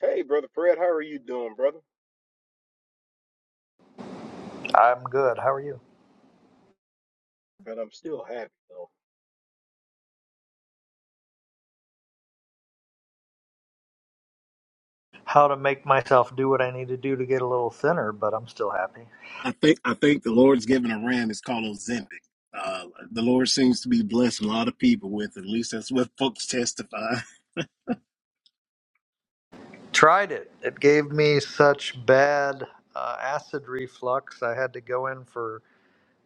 Hey, brother Fred, how are you doing, brother? I'm good. How are you? And I'm still happy though. How to make myself do what I need to do to get a little thinner, but I'm still happy. I think I think the Lord's given a ram It's called Ozempic. Uh, the Lord seems to be blessing a lot of people with. At least that's what folks testify. Tried it. It gave me such bad uh, acid reflux. I had to go in for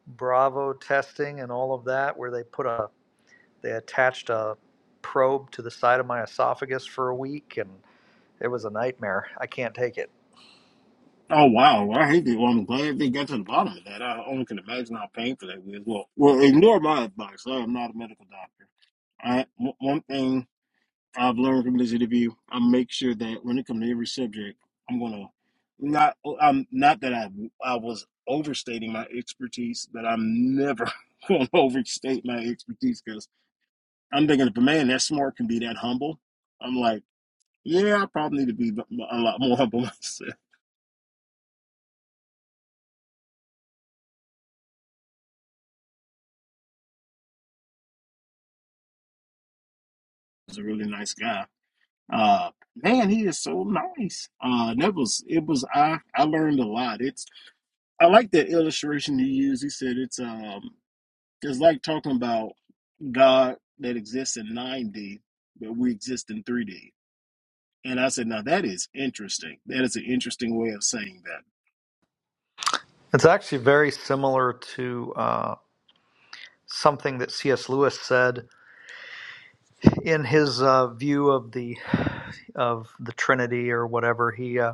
Bravo testing and all of that, where they put a they attached a probe to the side of my esophagus for a week, and it was a nightmare. I can't take it. Oh wow, Well, I hate that. Well, I'm glad they got to the bottom of that. I only can imagine how painful that was. Well, well, ignore my advice. I am not a medical doctor. I one one thing I've learned from this interview, I make sure that when it comes to every subject, I'm gonna not. I'm not that I I was overstating my expertise, but I'm never gonna overstate my expertise because I'm thinking if a man that smart can be that humble, I'm like, yeah, I probably need to be a lot more humble myself. He's a really nice guy. Uh, man, he is so nice. Uh, that was it was I I learned a lot. It's I like that illustration he used. He said it's um it's like talking about God that exists in 9D, but we exist in 3D. And I said, now that is interesting. That is an interesting way of saying that. It's actually very similar to uh, something that C.S. Lewis said in his uh, view of the of the Trinity or whatever, he uh,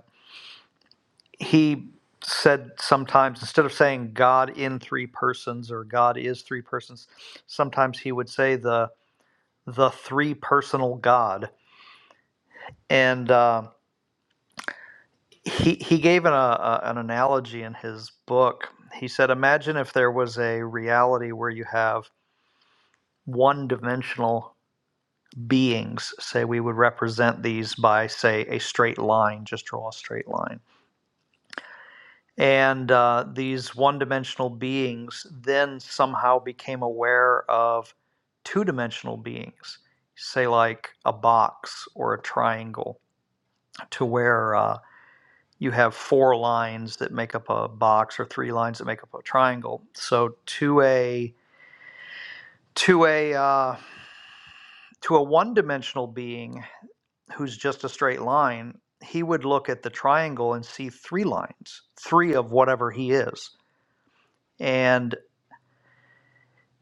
he said sometimes instead of saying God in three persons or God is three persons, sometimes he would say the the three personal God. And uh, he he gave an, uh, uh, an analogy in his book. He said, imagine if there was a reality where you have one dimensional beings. Say we would represent these by say a straight line. Just draw a straight line And uh, these one dimensional beings then somehow became aware of two dimensional beings, say, like a box or a triangle, to where uh, you have four lines that make up a box or three lines that make up a triangle. So to a to a uh, to a one dimensional being who's just a straight line, he would look at the triangle and see three lines, three of whatever he is and.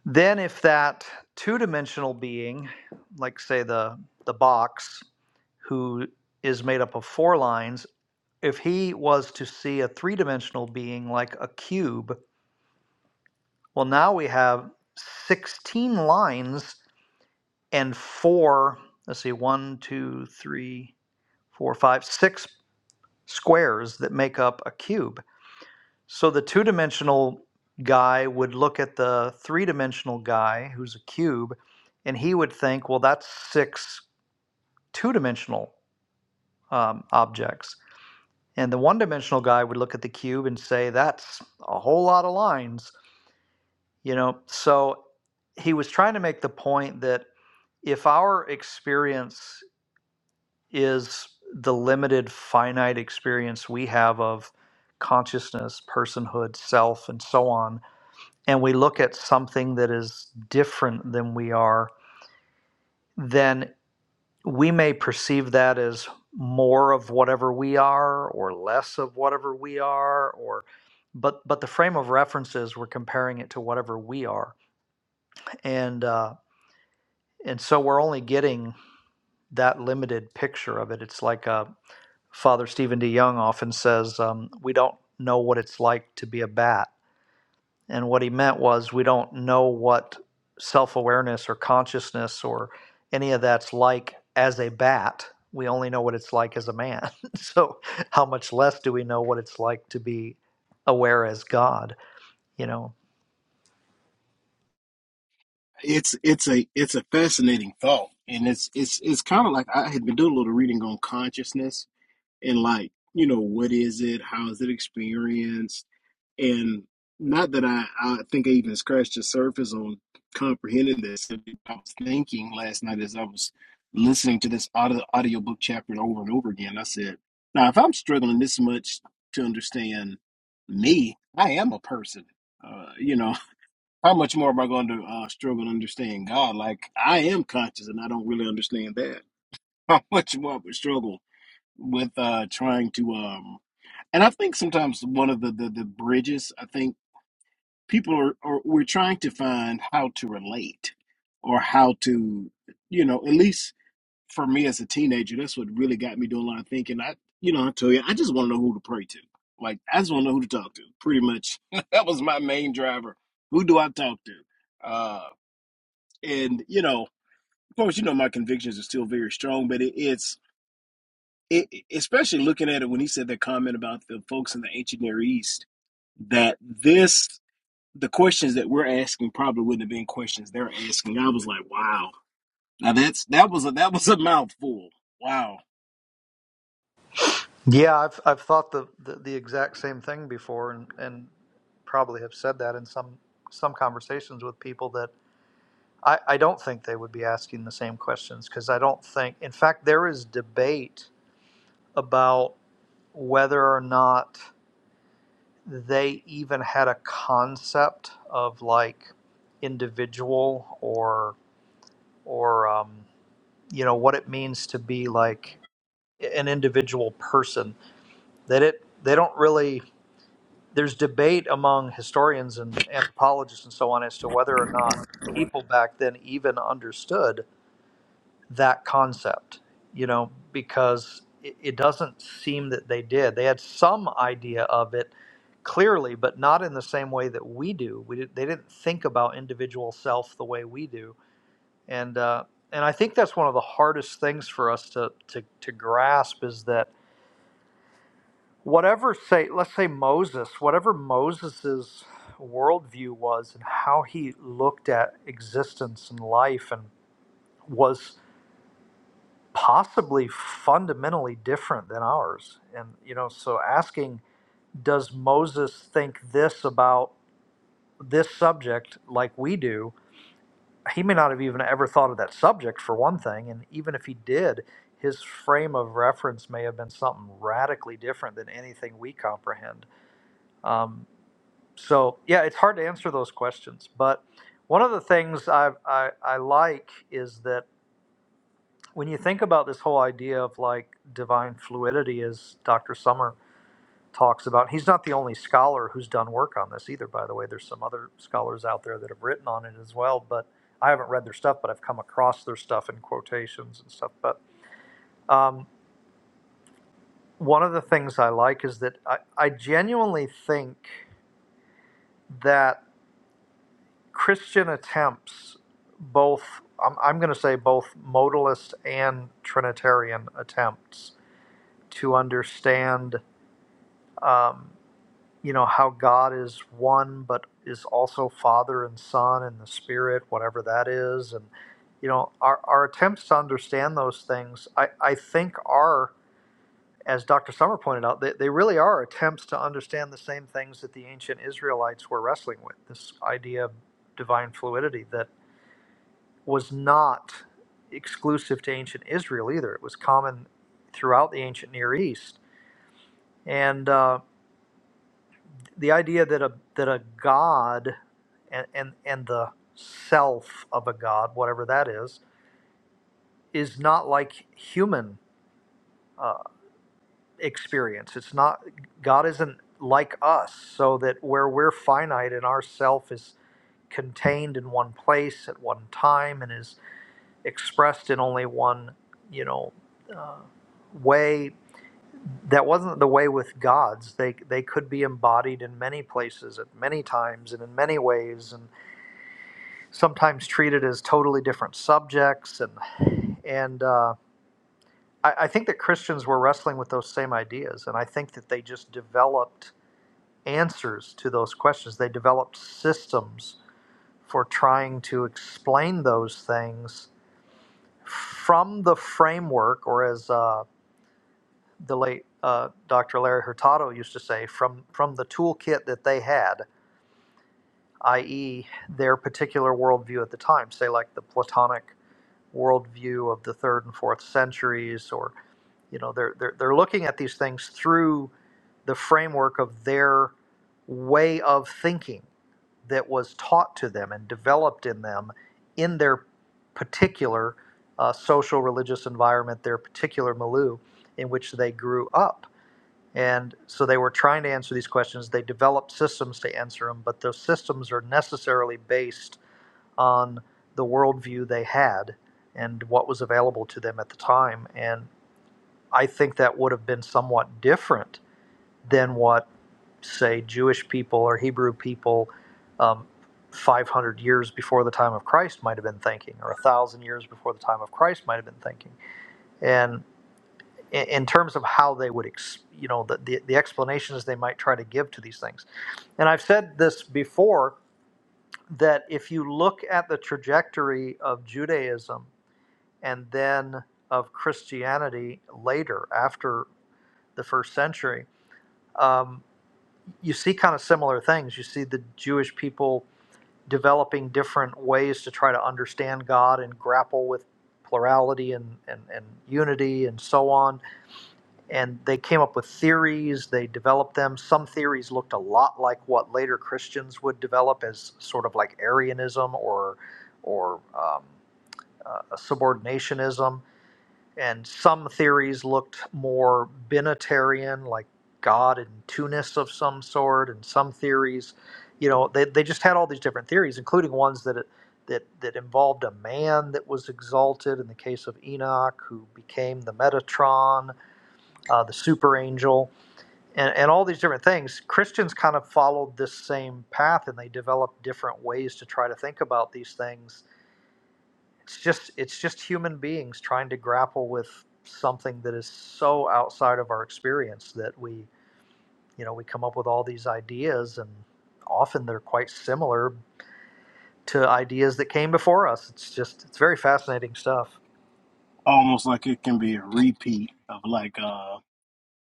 Then if that two-dimensional being, like say the the box, who is made up of four lines, if he was to see a three-dimensional being like a cube, well now we have 16 lines and four, let's see, one, two, three, four, five, six squares that make up a cube. So the two dimensional guy would look at the three dimensional guy who's a cube, and he would think, well, that's six two dimensional um, objects. And the one dimensional guy would look at the cube and say, that's a whole lot of lines, you know? So he was trying to make the point that if our experience is the limited finite experience we have of consciousness, personhood, self, and so on, and we look at something that is different than we are, then we may perceive that as more of whatever we are or less of whatever we are or but but the frame of reference is we're comparing it to whatever we are and uh, and so we're only getting that limited picture of it it's like uh, father stephen d young often says um, we don't know what it's like to be a bat And what he meant was we don't know what self awareness or consciousness or any of that's like as a bat. We only know what it's like as a man. so, how much less do we know what it's like to be aware as God, you know? It's it's a it's a fascinating thought, and it's it's it's kind of like I had been doing a little reading on consciousness and like you know what is it how is it experienced and not that i i think i even scratched the surface on comprehending this i was thinking last night as i was listening to this audio audiobook chapter over and over again i said now if i'm struggling this much to understand me i am a person uh, you know how much more am i going to uh, struggle to understand god like i am conscious and i don't really understand that how much more i would struggle with uh trying to um and I think sometimes one of the the, the bridges I think people are, are we're trying to find how to relate or how to you know at least for me as a teenager that's what really got me doing a lot of thinking I you know I tell you I just want to know who to pray to like I just want to know who to talk to pretty much that was my main driver who do I talk to uh and you know of course you know my convictions are still very strong but it, it's, it, especially looking at it when he said that comment about the folks in the ancient Near East, that this, the questions that we're asking probably wouldn't have been questions they're asking. I was like, wow. Now that's, that was a, that was a mouthful. Wow. Yeah, I've I've thought the, the, the exact same thing before, and, and probably have said that in some some conversations with people that I, I don't think they would be asking the same questions because I don't think. In fact, there is debate about. whether or not they even had a concept of like individual or or um, you know what it means to be like an individual person that it they don't really there's debate among historians and anthropologists and so on as to whether or not people back then even understood that concept, you know, because it, it doesn't seem that they did. They had some idea of it clearly, but not in the same way that we do. We did, they didn't think about individual self the way we do, and uh, and I think that's one of the hardest things for us to to, to grasp is that whatever say let's say Moses, whatever Moses's worldview was and how he looked at existence and life and was possibly fundamentally different than ours. And, you know, so asking, does Moses think this about this subject like we do? He may not have even ever thought of that subject for one thing. And even if he did, his frame of reference may have been something radically different than anything we comprehend. Um, so, yeah, it's hard to answer those questions. But one of the things I, I, I like is that when you think about this whole idea of like divine fluidity as dr summer talks about he's not the only scholar who's done work on this either by the way there's some other scholars out there that have written on it as well but i haven't read their stuff but i've come across their stuff in quotations and stuff but um, one of the things i like is that I, I genuinely think that christian attempts both i'm, I'm going to say both modalist and trinitarian attempts to understand um, you know how God is one, but is also Father and Son and the Spirit, whatever that is, and you know our, our attempts to understand those things, I, I think are, as Dr. Summer pointed out, they, they really are attempts to understand the same things that the ancient Israelites were wrestling with. This idea of divine fluidity that was not exclusive to ancient Israel either; it was common throughout the ancient Near East, and. Uh, the idea that a that a god and and, and the self of a god whatever that is is not like human uh, experience it's not god isn't like us so that where we're finite and our self is contained in one place at one time and is expressed in only one you know uh, way that wasn't the way with gods they they could be embodied in many places at many times and in many ways and. sometimes treated as totally different subjects and and uh, I, I think that christians were wrestling with those same ideas and i think that they just developed answers to those questions they developed systems for trying to explain those things from the framework or as uh, the late uh, dr larry hurtado used to say from from the toolkit that they had i.e their particular worldview at the time say like the platonic worldview of the third and fourth centuries, or you know, they're they're they're looking at these things through the framework of their way of thinking that was taught to them and developed in them in their particular uh, social religious environment, their particular milieu in which they grew up. And so they were trying to answer these questions. They developed systems to answer them, but those systems are necessarily based on the worldview they had and what was available to them at the time. And I think that would have been somewhat different than what, say, Jewish people or Hebrew people um, 500 years before the time of Christ might have been thinking, or 1,000 years before the time of Christ might have been thinking. And in terms of how they would, ex- you know, the, the, the explanations they might try to give to these things. And I've said this before that if you look at the trajectory of Judaism, and then of Christianity later after the first century, um, you see kind of similar things. You see the Jewish people developing different ways to try to understand God and grapple with plurality and, and, and unity and so on. And they came up with theories, they developed them. Some theories looked a lot like what later Christians would develop as sort of like Arianism or, or um, uh, subordinationism and some theories looked more binitarian, like God and Tunis of some sort, and some theories, you know, they, they just had all these different theories, including ones that that that involved a man that was exalted in the case of Enoch, who became the Metatron, uh, the super angel, and, and all these different things. Christians kind of followed this same path, and they developed different ways to try to think about these things it's just it's just human beings trying to grapple with something that is so outside of our experience that we you know we come up with all these ideas and often they're quite similar to ideas that came before us it's just it's very fascinating stuff Almost like it can be a repeat of like, uh,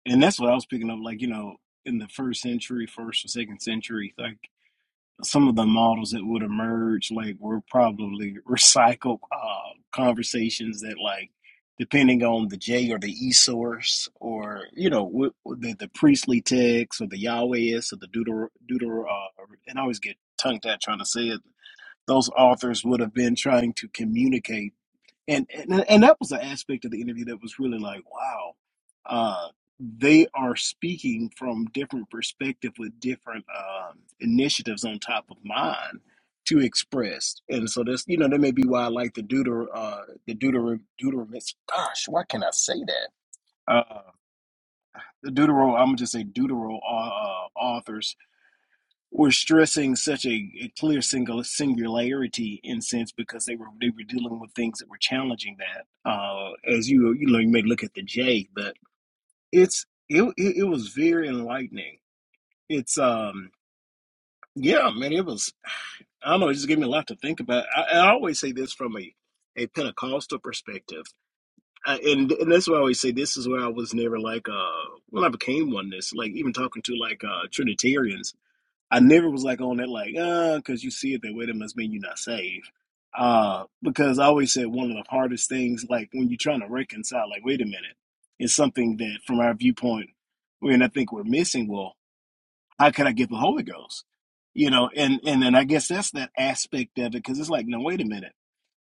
and that's what I was picking up, like, you know, in the first century, first or second century, like. some of the models that would emerge like were probably recycled uh, conversations that like depending on the J or the E source or you know w- the the priestly text or the Yahwehist or the Deuter Deuter uh, and I always get tongue tied trying to say it. Those authors would have been trying to communicate and and and that was an aspect of the interview that was really like wow uh they are speaking from different perspective with different um initiatives on top of mine to express and so that's you know that may be why i like the deuter uh the deuter deuteromics gosh why can i say that uh the deutero i'm gonna just say deutero uh, uh, authors were stressing such a, a clear single singularity in sense because they were they were dealing with things that were challenging that. Uh, as you you know, you may look at the J, but it's it it, it was very enlightening. It's um yeah, man, it was. I don't know, it just gave me a lot to think about. I, I always say this from a a Pentecostal perspective. I, and and that's why I always say this is where I was never like uh when I became oneness like even talking to like uh Trinitarians I never was like on that like uh because you see it that way that must mean you're not saved. Uh, because I always said one of the hardest things like when you're trying to reconcile like wait a minute, it's something that from our viewpoint, and I think we're missing. Well, how can I get the Holy Ghost? You know, and and then I guess that's that aspect of it because it's like no wait a minute.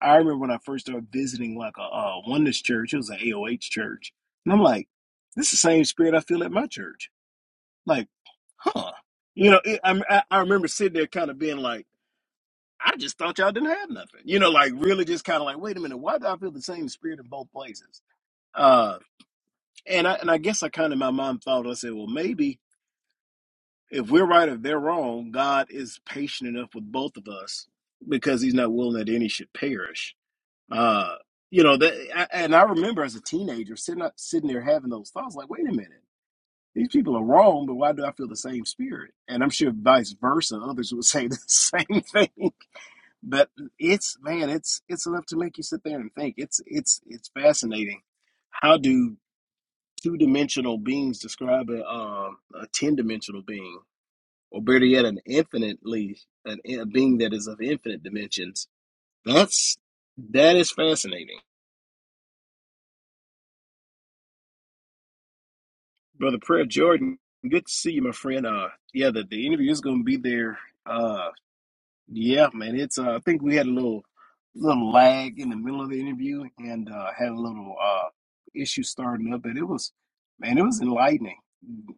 I remember when I first started visiting like a, a oneness church, it was an AOH church, and I'm like, this is the same spirit I feel at my church. Like huh? You know, it, i I, I remember sitting there kind of being like, I just thought y'all didn't have nothing. You know, like really just kind of like, wait a minute, why do I feel the same spirit in both places? Uh, and I and I guess I kind of in my mind thought I said, well, maybe if we're right or they're wrong, God is patient enough with both of us because He's not willing that any should perish. Uh, you know that, I, and I remember as a teenager sitting up, sitting there having those thoughts, like, wait a minute. these people are wrong, but why do I feel the same spirit? And I'm sure vice versa, others would say the same thing. But it's man, it's it's enough to make you sit there and think. It's it's it's fascinating. How do two dimensional beings describe a um, a ten dimensional being, or better yet, an infinitely an, a being that is of infinite dimensions? That's that is fascinating, brother. Prayer Jordan, good to see you, my friend. Uh, yeah, the, the interview is going to be there. Uh, Yeah, man. It's uh, I think we had a little little lag in the middle of the interview and uh, had a little uh, issue starting up, but it was man, it was enlightening.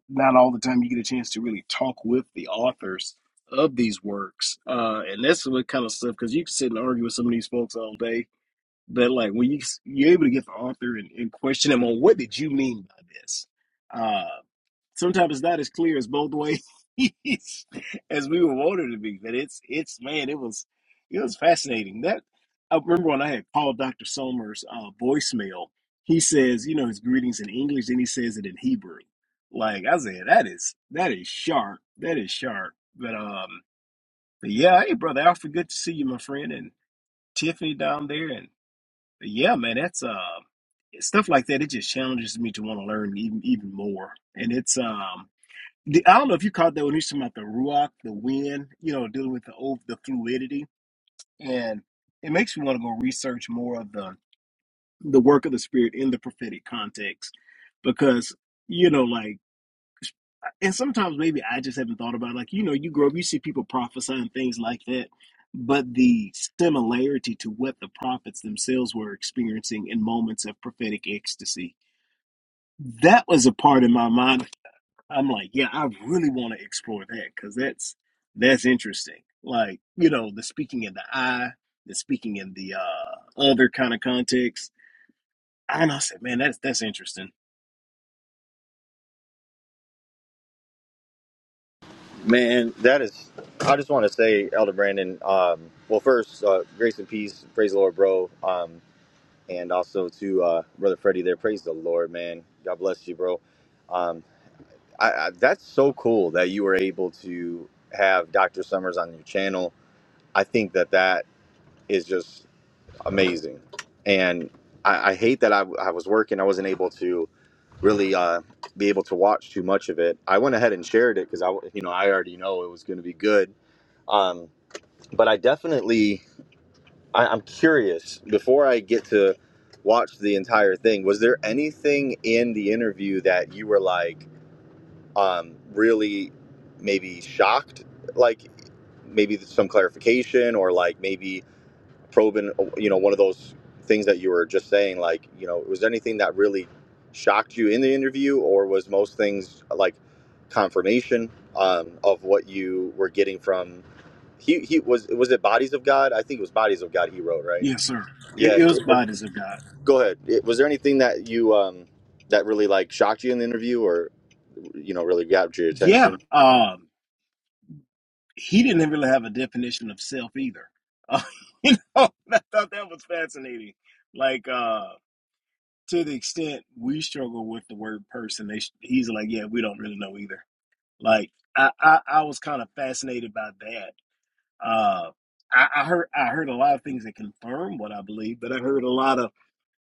Not all the time you get a chance to really talk with the authors of these works, uh, and that's what kind of stuff because you can sit and argue with some of these folks all day, but like when you you're able to get the author and, and question them on what did you mean by this. Uh, sometimes it's not as clear as both ways as we would want it to be. But it's it's man, it was it was fascinating. That I remember when I had called Dr. Somers uh, voicemail. He says, you know, his greetings in English, and he says it in Hebrew. Like I said, that is that is sharp. That is sharp. But um, but yeah, hey brother Alfred, good to see you, my friend, and Tiffany down there, and yeah, man, that's uh stuff like that. It just challenges me to want to learn even even more, and it's um the, I don't know if you caught that when he was talking about the ruach, the wind, you know, dealing with the old, the fluidity, and it makes me want to go research more of the the work of the spirit in the prophetic context, because you know, like, and sometimes maybe I just haven't thought about it. like, you know, you grow up, you see people prophesying things like that, but the similarity to what the prophets themselves were experiencing in moments of prophetic ecstasy, that was a part in my mind I'm like, yeah, I really want to explore that because that's that's interesting. Like, you know, the speaking in the I, the speaking in the uh, other kind of context. And I said, man, that's that's interesting. Man, that is. I just want to say, Elder Brandon. Um, well, first, uh, grace and peace. Praise the Lord, bro. Um, and also to uh, brother Freddie there. Praise the Lord, man. God bless you, bro. Um, I, I, that's so cool that you were able to have Dr. Summers on your channel. I think that that is just amazing. And I, I hate that I, I was working. I wasn't able to really uh, be able to watch too much of it. I went ahead and shared it because I, you know, I already know it was going to be good. Um, but I definitely, I, I'm curious. Before I get to watch the entire thing, was there anything in the interview that you were like um, really maybe shocked? Like maybe some clarification or like maybe probing, you know, one of those things that you were just saying, like, you know, was there anything that really shocked you in the interview, or was most things like confirmation um, of what you were getting from? He, he was was it bodies of God? I think it was bodies of God. He wrote right. Yes, sir. Yeah. It, it was it was- bodies of God. go ahead. It- was there anything that you um, that really like shocked you in the interview, or you know, really grabbed your Yeah. attention? Um, he didn't really have a definition of self either. Uh, you know, I thought that was fascinating. Like, uh, to the extent we struggle with the word person, they, he's like, yeah, we don't really know either. Like I, I, I was kind of fascinated by that. Uh, I, I heard I heard a lot of things that confirm what I believe, but I heard a lot of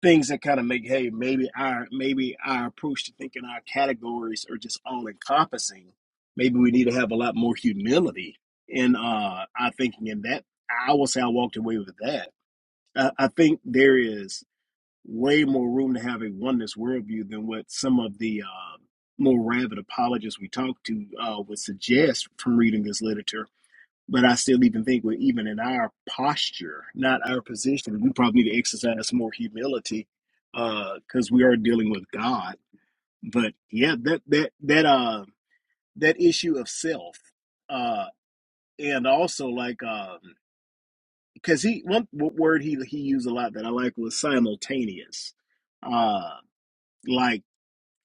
things that kind of make hey maybe our maybe our approach to thinking our categories are just all encompassing. Maybe we need to have a lot more humility in uh, our thinking. In that, I will say I walked away with that. I, I think there is way more room to have a oneness worldview than what some of the uh, more rabid apologists we talk to uh, would suggest from reading this literature. But I still even think, we're even in our posture, not our position, we probably need to exercise some more humility because we are dealing with God. But yeah, that that that uh that issue of self, uh, and also like um, because he one w- word he he used a lot that I like was simultaneous, uh, like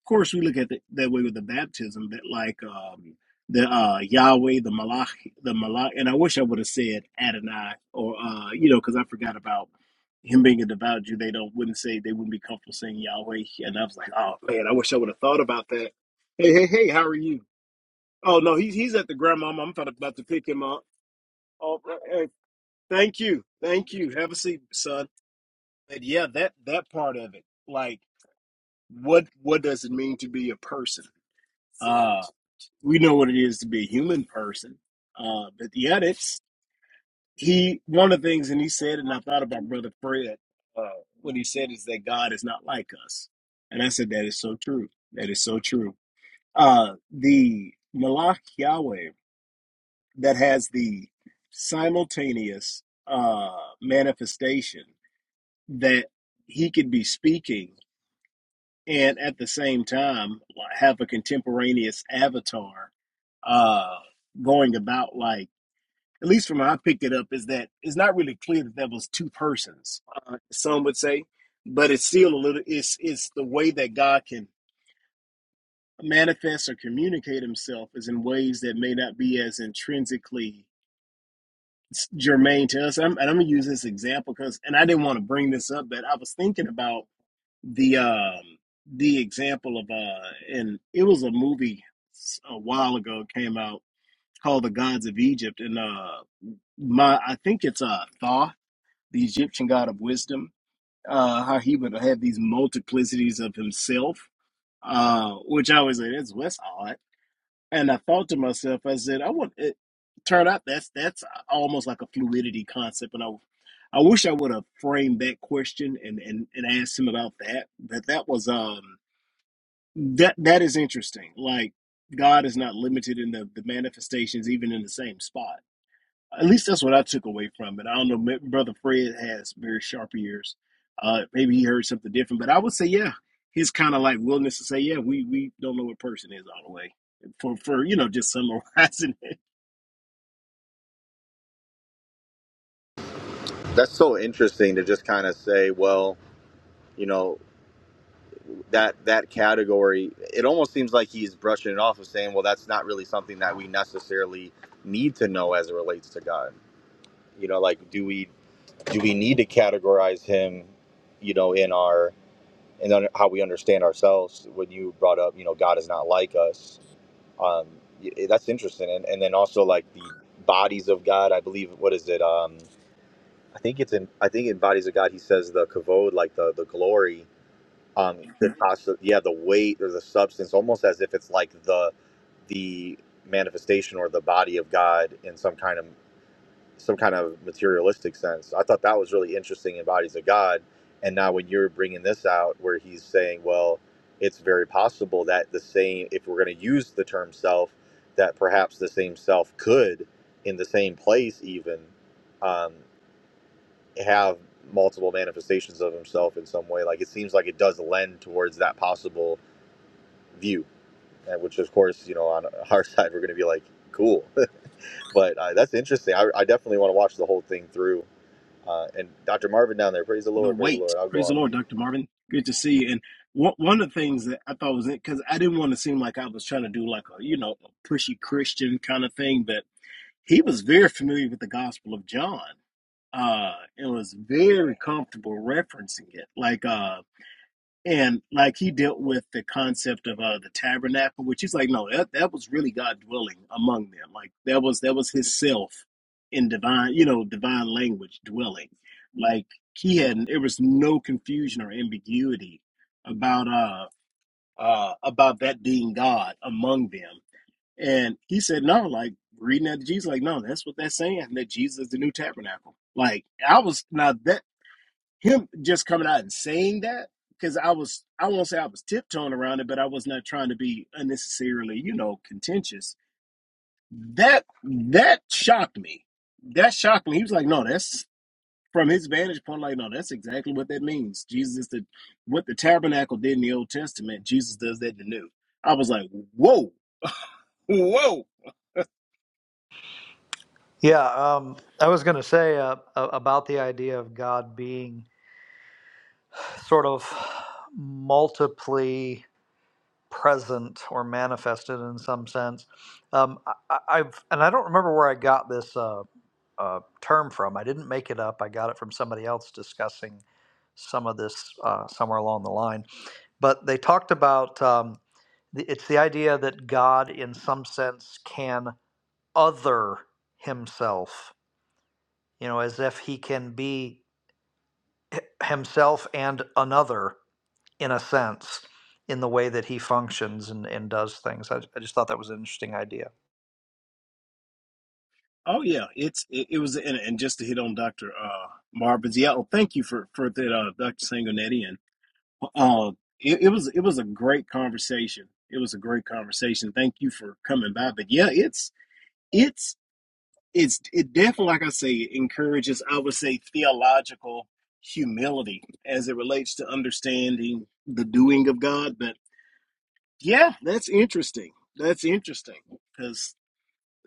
Of course, we look at it that way with the baptism that like um, the uh, Yahweh, the Malach, the Malach, and I wish I would have said Adonai or uh, you know because I forgot about him being a devout Jew. They don't wouldn't say they wouldn't be comfortable saying Yahweh, and I was like, oh man, I wish I would have thought about that. Hey, hey, hey, how are you? Oh no, he's he's at the grandma. I'm about about to pick him up. Oh, hey, thank you, thank you. Have a seat, son. But yeah, that that part of it, like what what does it mean to be a person? Uh, we know what it is to be a human person. Uh, but yeah, that's he. One of the things, and he said, and I thought about Brother Fred. Uh, what he said is that God is not like us, and I said that is so true. That is so true. Uh, the Malach Yahweh that has the simultaneous uh, manifestation that he could be speaking and at the same time like, have a contemporaneous avatar uh, going about like at least from how I picked it up, is that it's not really clear that there was two persons. Uh, some would say, but it's still a little. It's it's the way that God can manifest or communicate Himself is in ways that may not be as intrinsically germane to us. I'm, and I'm gonna use this example because, and I didn't want to bring this up, but I was thinking about the um the example of uh, and it was a movie a while ago came out called The Gods of Egypt, and uh my I think it's uh Thaw the Egyptian god of wisdom, uh, how he would have these multiplicities of himself, uh, which I was like, that's that's odd. And I thought to myself, I said, I want it. turned out that's that's almost like a fluidity concept, and I, I wish I would have framed that question and and and asked him about that. That that was um that that is interesting. Like God is not limited in the the manifestations, even in the same spot. At least that's what I took away from it. I don't know. ma- Brother Fred has very sharp ears. Uh, maybe he heard something different, but I would say, yeah, his kind of like willingness to say, yeah, we we don't know what person is all the way for for you know just summarizing it, That's so interesting to just kind of say, well, you know. that that category it almost seems like he's brushing it off of saying well that's not really something that we necessarily need to know as it relates to god you know like do we do we need to categorize him you know in our and then how we understand ourselves when you brought up you know god is not like us um y- eh, that's interesting and, and then also like the bodies of god i believe what is it um i think it's in i think in bodies of god he says the kavod like the the glory um the cost of, yeah the weight or the substance almost as if it's like the the manifestation or the body of god in some kind of some kind of materialistic sense i thought that was really interesting in bodies of god and now when you're bringing this out where he's saying well it's very possible that the same if we're going to use the term self that perhaps the same self could in the same place even um, have multiple manifestations of himself in some way. Like it seems like it does lend towards that possible view, and which of course, you know, on our side, we're going to be like, cool. but uh, that's interesting. I, I definitely want to watch the whole thing through. Uh, and Dr. Marvin down there, praise the the Lord, praise the weight. Lord. I'll go Praise the on Lord, mute. Doctor Marvin. Good to see you. And one one of the things that I thought was it because I didn't want to seem like I was trying to do like a you know a pushy Christian kind of thing, but he was very familiar with the Gospel of John uh and was very comfortable referencing it like uh and like he dealt with the concept of uh, the tabernacle, which is like, no, that, that was really God dwelling among them. Like that was that was His self in divine, you know, divine language dwelling. Like he had, there was no confusion or ambiguity about uh, uh about that being God among them. And he said, no, like reading that to Jesus, like no, that's what that's saying. That Jesus is the new tabernacle. Like I was now that him just coming out and saying that because I was I won't say I was tiptoeing around it, but I was not trying to be unnecessarily you know contentious. That that shocked me. That shocked me. He was like, no, that's from his vantage point. Like, no, that's exactly what that means. Jesus is the what the tabernacle did in the Old Testament. Jesus does that in the New. I was like, whoa, whoa. yeah um, i was going to say uh, about the idea of god being sort of multiply present or manifested in some sense um, I, I- i've and i don't remember where i got this uh, uh, term from. I didn't make it up. I got it from somebody else discussing some of this uh, somewhere along the line. But they talked about um, it's the idea that God, in some sense, can other himself, you know, as if he can be himself and another in a sense in the way that he functions and, and does things. I, I just thought that was an interesting idea. Oh yeah, it's it, it was and, and just to hit on Doctor uh, Marvin's. Yeah, oh, thank you for for that, uh, Doctor Sangonetti Uh, it, it was it was a great conversation. It was a great conversation. Thank you for coming by. But yeah, it's it's it's it definitely, like I say, encourages. I would say theological humility as it relates to understanding the doing of God. But yeah, that's interesting. That's interesting because.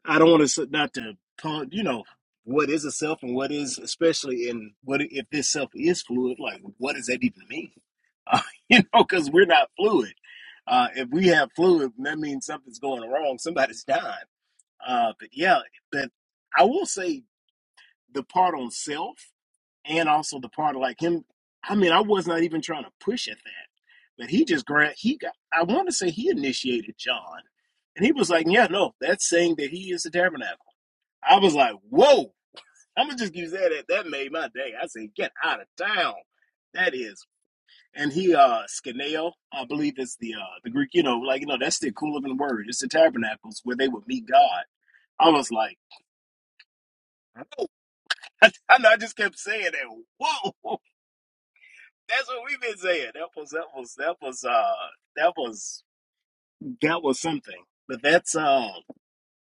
I don't want to not to pun, you know, what is a self and what is, especially in what if this self is fluid, like what does that even mean? Uh, you know, because we're not fluid. Uh, if we have fluid, that means something's going wrong. Somebody's dying. Uh, but yeah, but I will say the part on self and also the part of like him. I mean, I was not even trying to push at that, but he just grabbed. He got. I want to say he initiated John, and he was like, "Yeah, no, that's saying that he is the tabernacle." I was like, whoa, I'm gonna just use that. That made my day. I said, get out of town. That is. And he, uh, Skeneo, I believe it's the, uh, the Greek, you know, like, you know, that's the equivalent word. It's the tabernacles where they would meet God. I was like, whoa. I, know I just kept saying that. Whoa. That's what we've been saying. That was, that was, that was, uh, that was, that was something. But that's, um,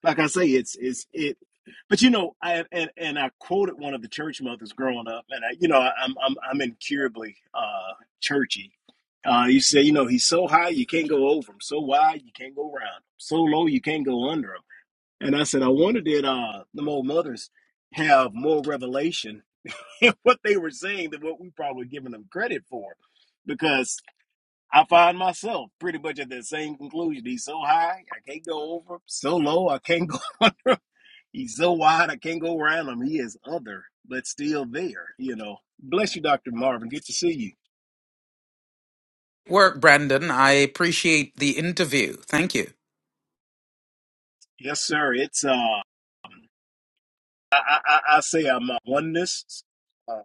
like I say, it's it's it. But you know, I and, and I quoted one of the church mothers growing up, and I, you know, I, I'm I'm I'm incurably uh, churchy. Uh, you say, you know, he's so high you can't go over him, so wide you can't go around him, so low you can't go under him. And I said, I wonder did uh, the old mothers have more revelation in what they were saying than what we probably giving them credit for, because I find myself pretty much at that same conclusion. He's so high, I can't go over. him, So low, I can't go. under. He's so wide, I can't go around him. He is other, but still there, you know. Bless you, Dr. Marvin. Good to see you. work, Brandon. I appreciate the interview. Thank you. Yes, sir. It's, uh, I, I, I I say I'm a oneness. Uh,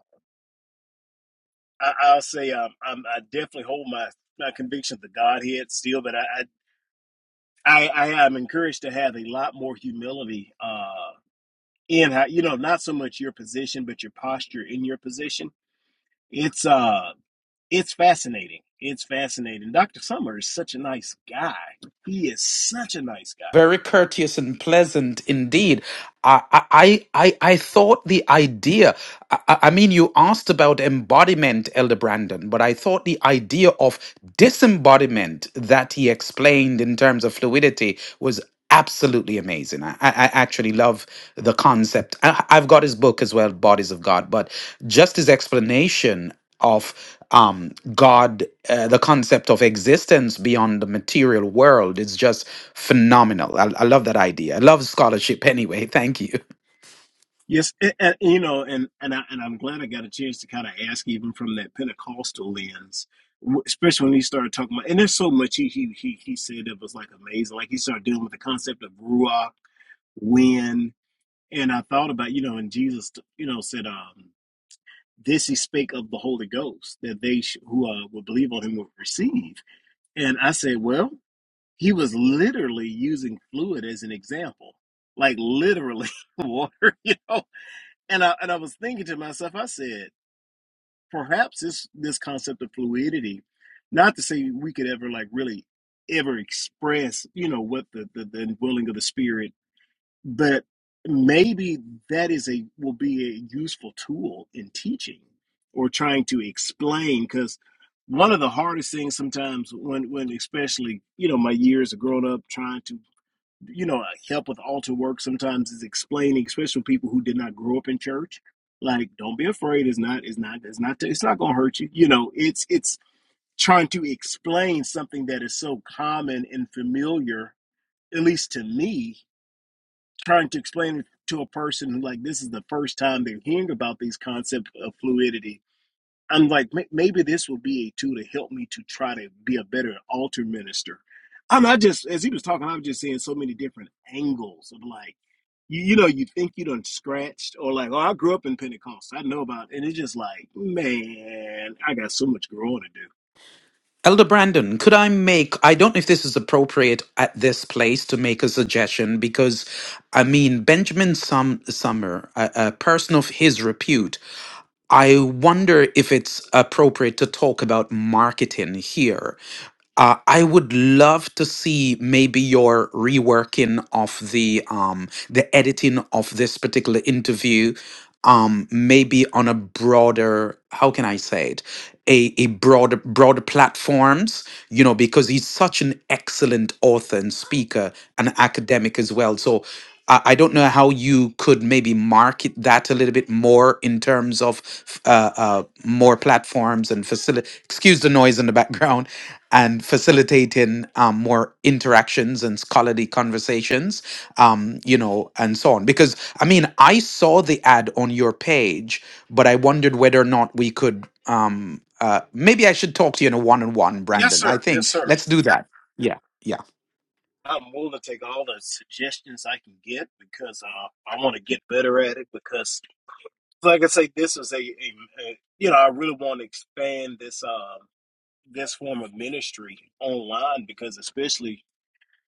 I, I'll say I'm, I'm, I definitely hold my, my conviction of the Godhead still, but I, I, I, I am encouraged to have a lot more humility, uh, in how, you know, not so much your position, but your posture in your position. It's, uh, it's fascinating. It's fascinating. Dr. Summer is such a nice guy. He is such a nice guy. Very courteous and pleasant indeed. I I I, I thought the idea. I, I I mean, you asked about embodiment, Elder Brandon, but I thought the idea of disembodiment that he explained in terms of fluidity was absolutely amazing. I, I I actually love the concept. I, I've got his book as well, Bodies of God, but just his explanation of um, God, uh, the concept of existence beyond the material world is just phenomenal. I, I love that idea. I love scholarship anyway. Thank you. Yes, and, and, you know, and and I, and I'm glad I got a chance to kind of ask even from that Pentecostal lens, w- especially when he started talking about. And there's so much he he he, he said that was like amazing. Like he started dealing with the concept of ruah when and I thought about you know and Jesus you know said um this he spake of the Holy Ghost that they sh- who uh, would believe on him would receive and I said well he was literally using fluid as an example like literally water you know and I and I was thinking to myself I said perhaps this this concept of fluidity not to say we could ever like really ever express you know what the the, the willing of the spirit but maybe that is a will be a useful tool in teaching or trying to explain because one of the hardest things sometimes when when especially you know my years of growing up trying to you know help with altar work sometimes is explaining especially people who did not grow up in church like don't be afraid it's not it's not it's not it's not gonna hurt you you know it's it's trying to explain something that is so common and familiar at least to me trying to explain it to a person who like this is the first time they're hearing about these concept of fluidity i'm like maybe this will be a tool to help me to try to be a better altar minister i'm not just as he was talking i was just seeing so many different angles of like you, you know you think you done scratched or like oh i grew up in pentecost i know about it. and it's just like man i got so much growing to do Elder Brandon, could I make, I don't know if this is appropriate at this place to make a suggestion because, I mean, Benjamin Sum- Summer, a, a person of his repute, I wonder if it's appropriate to talk about marketing here. Uh, I would love to see maybe your reworking of the um, the editing of this particular interview, um, maybe on a broader how can I say it, a a broader broader platforms. You know, because he's such an excellent author and speaker and academic as well. So. I I don't know how you could maybe market that a little bit more in terms of f- uh, uh, more platforms and facility. Excuse the noise in the background and facilitating um, more interactions and scholarly conversations, um, you know, and so on. Because I mean, I saw the ad on your page, but I wondered whether or not we could. Um, uh, maybe I should talk to you in a one-on-one, yes Brandon. I sir yes think sir let's do that. Yeah, yeah. I'm willing to take all the suggestions I can get because uh, I want to get better at it because like I say, this is a, a a- you know I really want to expand this um this form of ministry online because especially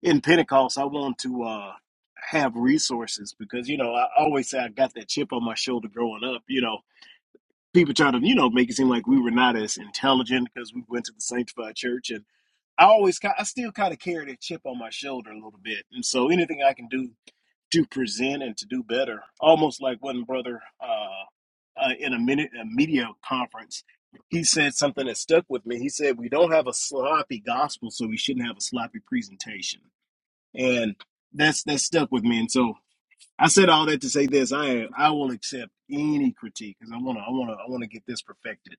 in Pentecost, I want to uh have resources because you know I always say I got that chip on my shoulder growing up. You know, people try to you know make it seem like we were not as intelligent because we went to the sanctified church and. I always, ki- I still kind of carry that chip on my shoulder a little bit, and so anything I can do to present and to do better. Almost like one brother uh, uh, in a, minute, a media conference, he said something that stuck with me. He said, "We don't have a sloppy gospel, so we shouldn't have a sloppy presentation." And that's that stuck with me. And so I said all that to say this: I I will accept any critique because I want to I want to I want to get this perfected.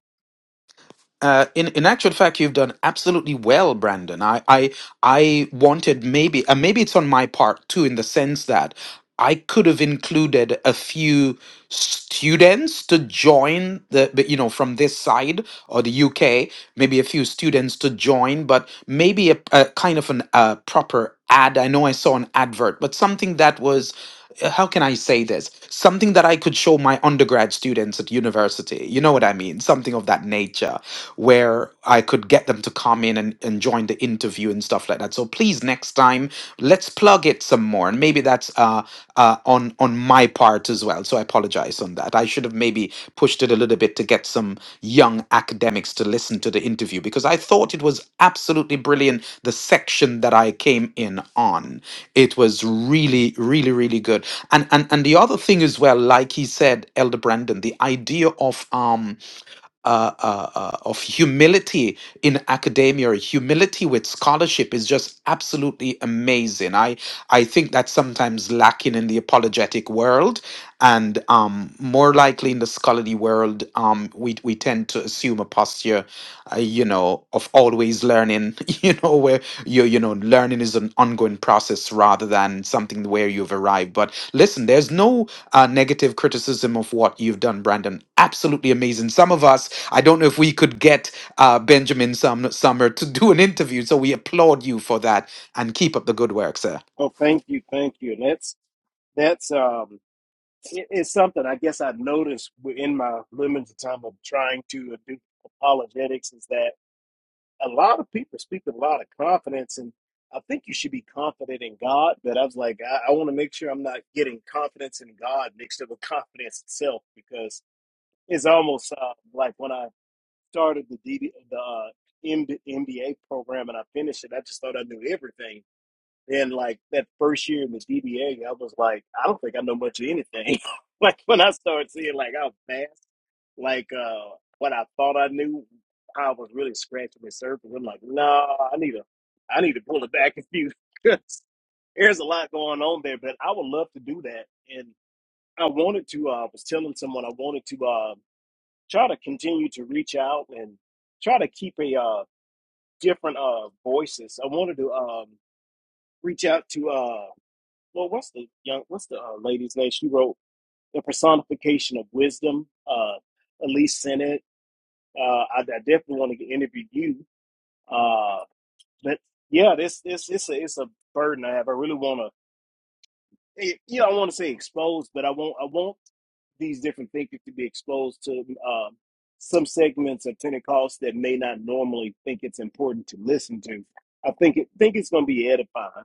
Uh, in in actual fact, you've done absolutely well, Brandon. I I I wanted maybe uh, maybe it's on my part too, in the sense that I could have included a few students to join the but, you know from this side or the UK, maybe a few students to join, but maybe a, a kind of an uh, proper ad. I know I saw an advert, but something that was uh, how can I say this? Something that I could show my undergrad students at university. You know what I mean? Something of that nature where I could get them to come in and, and join the interview and stuff like that. So please, next time, let's plug it some more. And maybe that's uh, uh, on on my part as well. So I apologize on that. I should have maybe pushed it a little bit to get some young academics to listen to the interview because I thought it was absolutely brilliant. The section that I came in on, it was really, really, really good. And and and the other thing as well, like he said, Elder Brandon, the idea of um uh, uh, uh, of humility in academia, or humility with scholarship is just absolutely amazing. I I think that's sometimes lacking in the apologetic world, and um, more likely in the scholarly world, um, we we tend to assume a posture, uh, you know, of always learning, you know, where you you know, learning is an ongoing process rather than something where you've arrived. But listen, there's no uh, negative criticism of what you've done, Brandon. Absolutely amazing. Some of us, I don't know if we could get uh, Benjamin Sum- Summer to do an interview, so we applaud you for that and keep up the good work, sir. Oh, thank you, thank you. And that's that's um it- it's something I guess I've noticed in my limited time of trying to do apologetics is that. a lot of people speak with a lot of confidence, and I think you should be confident in God. But I was like, I, I want to make sure I'm not getting confidence in God mixed up with confidence itself, because it's almost uh, like when I started the DB, the uh, MBA program and I finished it, I just thought I knew everything then like that first year in the DBA, I was like, I don't think I know much of anything. like when I started seeing like how fast, like uh what I thought I knew, I was really scratching the surface. I'm like, no, nah, I need to, I need to pull it back a few. 'cause There's a lot going on there, but I would love to do that. And I wanted to. Uh, I was telling someone I wanted to uh, try to continue to reach out and try to keep a uh, different uh, voices. I wanted to um, reach out to. Uh, well, what's the young, what's the uh, lady's name? She wrote the personification of wisdom. Uh, Elise Senate. Uh, I, I definitely want to interview you. Uh, but yeah, this this it's a it's a burden I have. I really want to. it, You know, I want to say exposed, but I want I want these different thinkers to be exposed to um, some segments of Pentecost that may not normally think it's important to listen to. I think it think it's going to be edifying.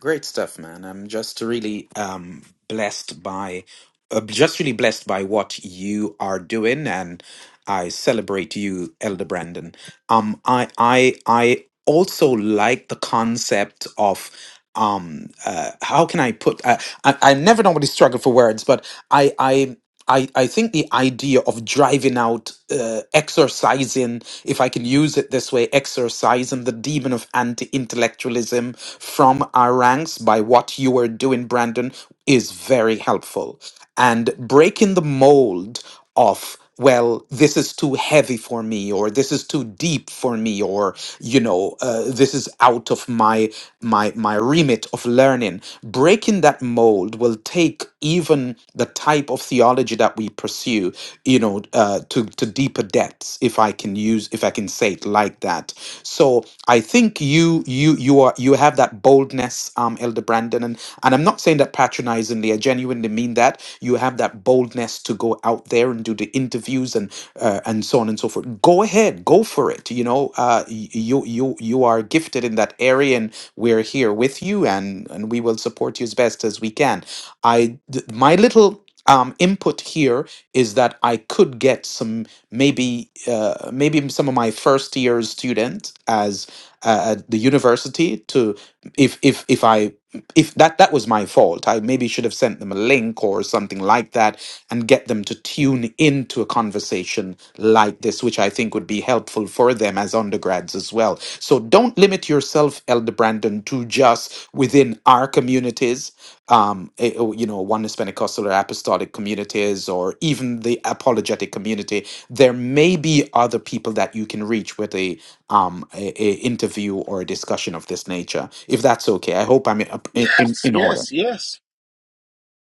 Great stuff, man. I'm just really um, blessed by, uh, just really blessed by what you are doing, and I celebrate you, Elder Brandon. Um, I, I, I also like the concept of. Um, uh, how can I put? Uh, I, I never normally struggle for words, but I, I I, I think the idea of driving out, uh, exorcising, if I can use it this way, exorcising the demon of anti intellectualism from our ranks by what you are doing, Brandon, is very helpful. And breaking the mold of well, this is too heavy for me, or this is too deep for me, or you know, uh, this is out of my my my remit of learning. Breaking that mold will take even the type of theology that we pursue, you know, uh, to to deeper depths, if I can use, if I can say it like that. So I think you you you are you have that boldness, um, Elder Brandon, and and I'm not saying that patronizingly. I genuinely mean that you have that boldness to go out there and do the interviews and uh, and so on and so forth. Go ahead, go for it. You know, uh, y- you you you are gifted in that area, and we're here with you, and and we will support you as best as we can. I th- my little um, input here is that I could get some maybe uh, maybe some of my first year students as uh, at the university to if if if I if that that was my fault i maybe should have sent them a link or something like that and get them to tune into a conversation like this which i think would be helpful for them as undergrads as well so don't limit yourself elder brandon to just within our communities um eh, oh, you know oneness pentecostal or apostolic communities or even the apologetic community there may be other people that you can reach with a um, a, a interview or a discussion of this nature, if that's okay. I hope I'm in, in, Yes, in order. yes, yes.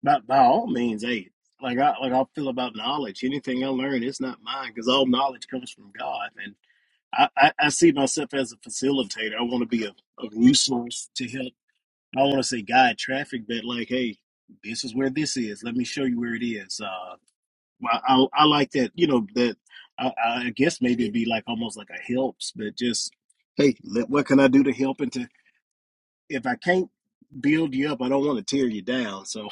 by, by all means, hey, like I like I feel about knowledge. Anything I learn, it's not mine because all knowledge comes from God. And I, I, I see myself as a facilitator. I want to be a, a resource to help. I want to say guide traffic, but like, hey, this is where this is. Let me show you where it is. Uh, I, I, I like that. You know that. I, I guess maybe it'd be like almost like a helps, but just hey, let, what can I do to help? And to if I can't build you up, I don't want to tear you down. So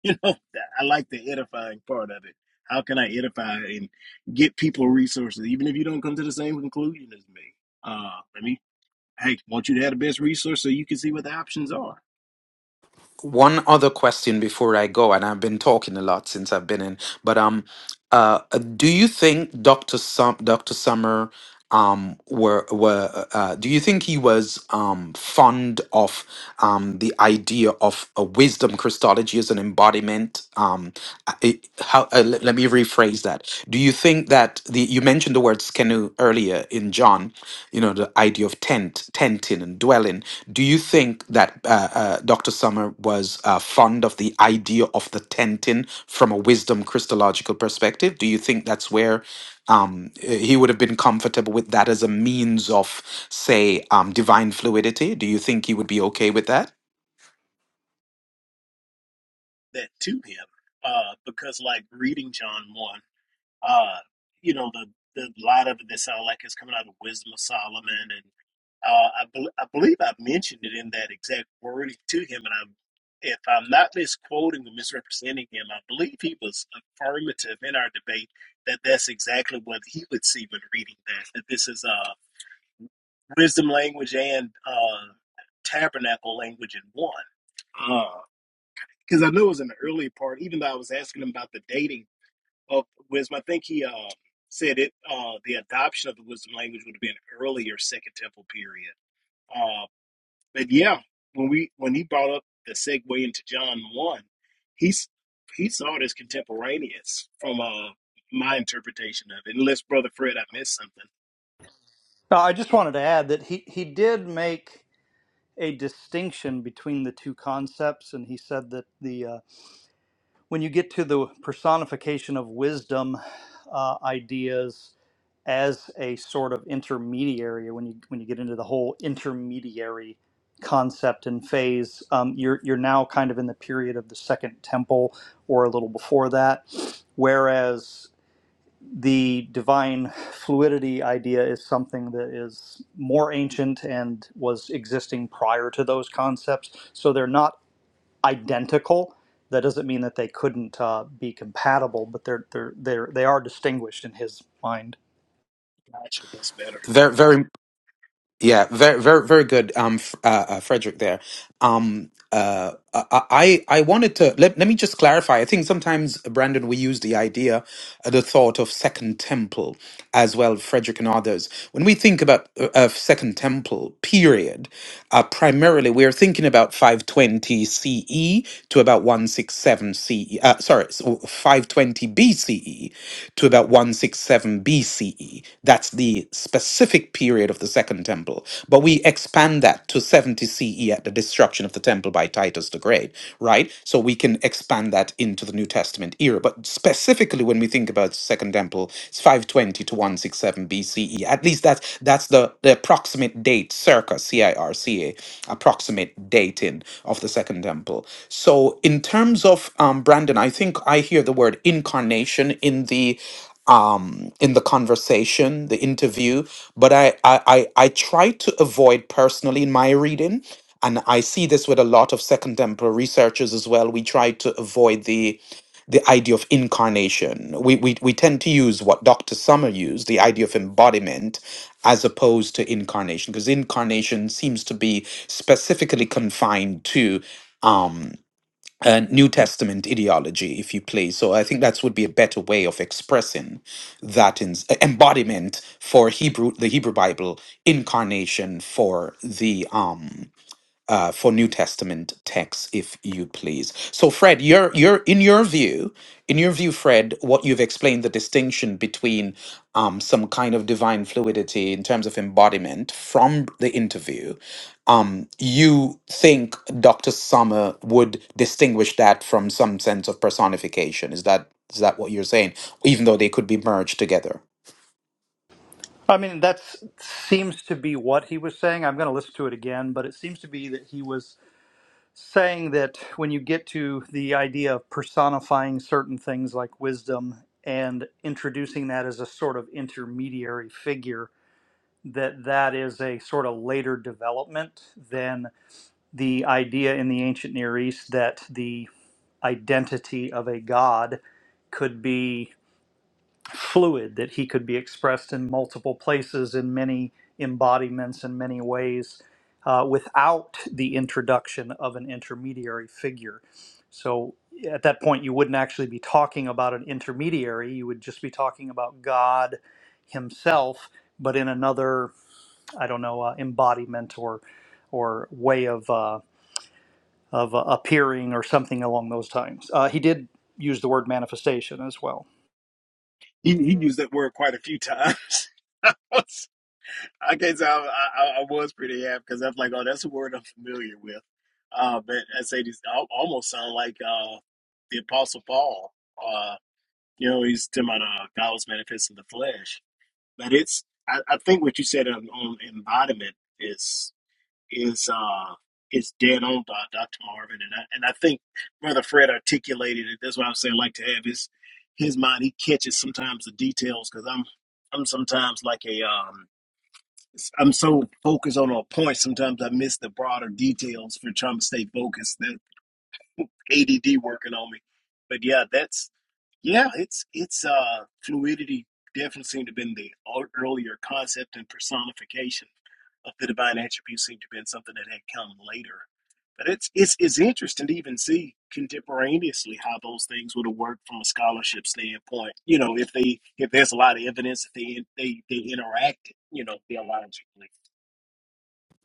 you know, I like the edifying part of it. How can I edify and get people resources, even if you don't come to the same conclusion as me? Uh, let me, hey, want you to have the best resource so you can see what the options are one other question before I go, and I've been talking a lot since I've been in, but um, uh, uh, do you think Doctor Sum Doctor Summer um were were uh, uh, do you think he was um fond of um the idea of a wisdom Christology as an embodiment um I- it, how uh, let, let me rephrase that do you think that the you mentioned the word skenu earlier in John you know the idea of tent tenting and dwelling do you think that uh, uh, dr summer was uh, fond of the idea of the tenting from a wisdom christological perspective do you think that's where um, uh, he would have been comfortable with that as a means of say um, divine fluidity do you think he would be okay with that that to him. Uh, because like reading John 1. Uh, you know, the, the a lot of it that sound like it's coming out of Wisdom of Solomon, and uh, I, bel I believe I mentioned it in that exact wording to him, and I'm. If I'm not misquoting or misrepresenting him, I believe he was affirmative in our debate that that's exactly what he would see when reading that. That this is uh, wisdom language and uh, tabernacle language in one. Because I know it was in the early part, even though I was asking him about the dating of wisdom. I think he uh, said it. Uh, the adoption of the wisdom language would have been earlier Second Temple period. Uh, but yeah, when we when he brought up the segue into John one, he's he saw it as contemporaneous from uh, my interpretation of it. Unless Brother Fred, I missed something. No, I just wanted to add that he, he did make a distinction between the two concepts, and he said that the uh, when you get to the personification of wisdom uh, ideas as a sort of intermediary, when you when you get into the whole intermediary concept and phase, um, you're you're now kind of in the period of the Second Temple or a little before that, whereas the divine fluidity idea is something that is more ancient and was existing prior to those concepts. So they're not identical. That doesn't mean that they couldn't uh, be compatible, but they're they're they're they are distinguished in his mind. Gotcha, that's better. very very Yeah, very, very, very good, um, F- uh, uh, Frederick. There, um, uh, I, I I wanted to let let me just clarify. I think sometimes, uh, Brandon, we use the idea, uh, the thought of Second Temple as well, Frederick and others. When we think about uh, of Second Temple, period. Uh, primarily, we're thinking about 520 CE to about 167 CE, uh, sorry, so 520 BCE to about 167 BCE. That's the specific period of the Second Temple. But we expand that to 70 CE at the destruction of the temple by Titus the Great, right? So we can we can expand that into the New Testament era. But specifically when we think about the Second Temple, it's 520 to 167 BCE. At least that's that's the, the approximate date, circa C-I-R-C-A, approximate dating of the Second Temple. So in terms of um, Brandon, I think I hear the word incarnation in the um, in the conversation, the interview, but I, I, I, I try to avoid personally in my reading, and I see this with a lot of Second Temple researchers as well. We try to avoid the the idea of incarnation. We, we we tend to use what Dr. Summer used, the idea of embodiment, as opposed to incarnation, because incarnation seems to be specifically confined to. um, uh, New Testament ideology, if you please. So I think that would be a better way of expressing that in, uh, embodiment for Hebrew, the Hebrew Bible, incarnation for the um, uh, for New Testament texts, if you please. So, Fred, you're, you're in your view, in your view, Fred, what you've explained the distinction between um, some kind of divine fluidity in terms of embodiment from the interview. Um, you think Dr. Summer would distinguish that from some sense of personification? Is that is that what you're saying? Even though they could be merged together. I mean, that seems to be what he was saying. I'm going to listen to it again, but it seems to be that he was saying that when you get to the idea of personifying certain things like wisdom and introducing that as a sort of intermediary figure that that is a sort of later development than the idea in the ancient near east that the identity of a god could be fluid that he could be expressed in multiple places in many embodiments in many ways uh, without the introduction of an intermediary figure so at that point you wouldn't actually be talking about an intermediary you would just be talking about god himself but in another i don't know uh, embodiment or or way of uh, of uh, appearing or something along those times uh, he did use the word manifestation as well He he used that word quite a few times. Okay, so I, I, I was pretty happy because I'm like, oh, that's a word I'm familiar with. Uh, but I say these al- almost sound like uh, the Apostle Paul. Uh, you know, he's talking about uh, God was manifest in the flesh. But it's, I, I think what you said on, on embodiment is is uh, is dead on, Doc- Dr. Marvin, and I, and I think Brother Fred articulated it. That's why I'm saying I like to have his his mind. He catches sometimes the details because I'm I'm sometimes like a um, I'm so focused on a point. Sometimes I miss the broader details for trying to stay focused. That ADD working on me, but yeah, that's yeah. It's it's uh fluidity definitely seemed to have been the ear- earlier concept and personification of the divine attribute seemed to have been something that had come later. But it's it's it's interesting to even see contemporaneously how those things would have worked from a scholarship standpoint. You know, if they if there's a lot of evidence that they they they interacted, you know, theologically.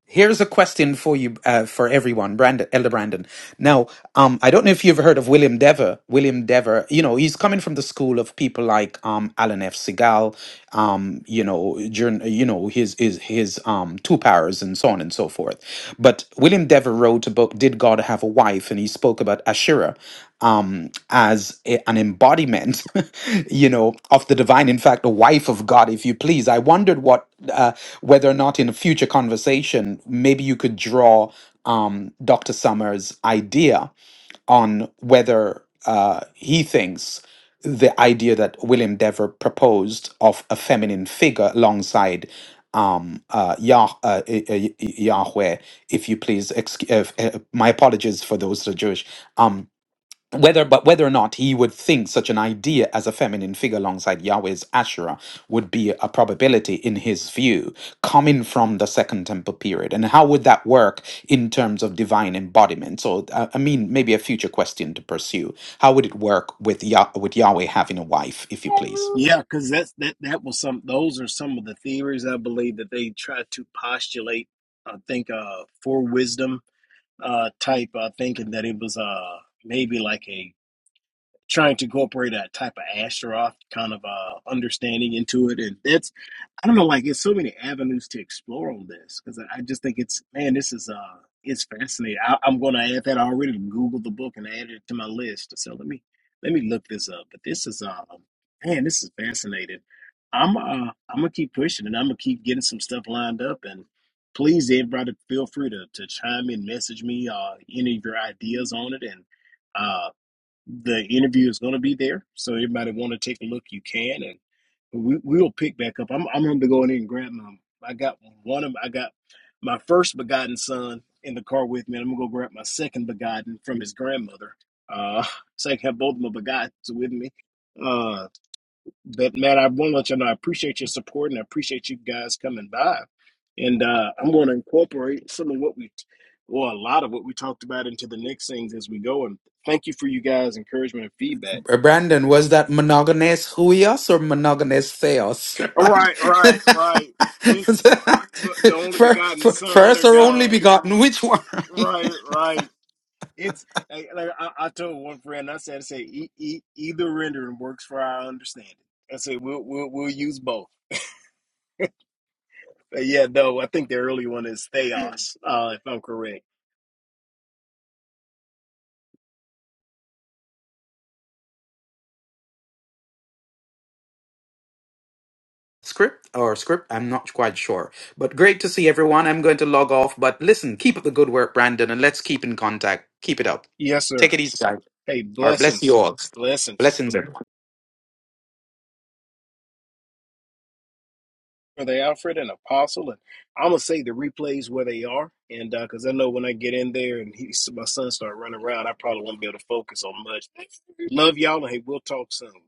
Here's a question for you, uh, for everyone, Brandon, Elder Brandon. Now, um, I don't know if you've heard of William Dever. William Dever, you know, he's coming from the school of people like um, Alan F. Segal, um, you know, journ you know, his his his um, two powers and so on and so forth. But William Dever wrote a book, "Did God Have a Wife?" and he spoke about Asherah, um, as a- an embodiment, you know, of the divine. In fact, a wife of God, if you please. I wondered what, uh, whether or not in a future conversation, maybe you could draw um, Dr. Summers' idea on whether uh, he thinks the idea that William Dever proposed of a feminine figure alongside um uh, Yah, uh, uh, uh, Yahweh if you please excuse uh, f- uh, my apologies for those that are Jewish um, whether but whether or not he would think such an idea as a feminine figure alongside Yahweh's Asherah would be a probability in his view coming from the second temple period and how would that work in terms of divine embodiment so uh, i mean maybe a future question to pursue how would it work with Yah- with Yahweh having a wife if you please Yeah, because that's that that was some those are some of the theories I believe that they try to postulate. I think uh for wisdom uh type uh thinking that it was uh maybe like a trying to incorporate a type of Astaroth kind of uh, understanding into it. And it's, I don't know, like it's so many avenues to explore on this because I I just think it's, man, this is, uh, it's fascinating. I, I'm going to add that I already Googled the book and added it to my list. So let me, let me look this up. But this is, uh, man, this is fascinating. I'm, uh, I'm gonna keep pushing and I'm gonna keep getting some stuff lined up and please everybody feel free to, to chime in, message me, uh, any of your ideas on it. And, uh, the interview is going to be there. So anybody want to take a look, you can, and we we'll pick back up. I'm I'm going to go in there and grab my. I got one of I got my first begotten son in the car with me, and I'm going to go grab my second begotten from his grandmother. Uh, so I can have both of my begottens with me. Uh. But Matt, I want to let you know I appreciate your support and I appreciate you guys coming by. And uh, I'm going to incorporate some of what we, well, a lot of what we talked about into the next things as we go. And thank you for you guys' encouragement and feedback. Uh, Brandon was that monogamous huios or monogamous theos right Right, right, right. It's the only for, begotten for, Son first or or only God. begotten which one Right, right. It's like, like I, I told one friend. I said, I said e- e- either rendering works for our understanding. I said we'll we'll, we'll use both. But yeah, no, I think the early one is Theos, uh, if I'm correct. script or script i'm not quite sure but great to see everyone i'm going to log off but listen keep up the good work brandon and let's keep in contact keep it up Yes, take sir. it easy guys Hey, all right bless you blessings. all Blessings. blessings everyone. Brother Alfred and Apostle. And I'm going to say the replays where they are. And uh, because I know when I get in there and he, my son start running around, I probably won't be able to focus on much. Love y'all. And hey, we'll talk soon.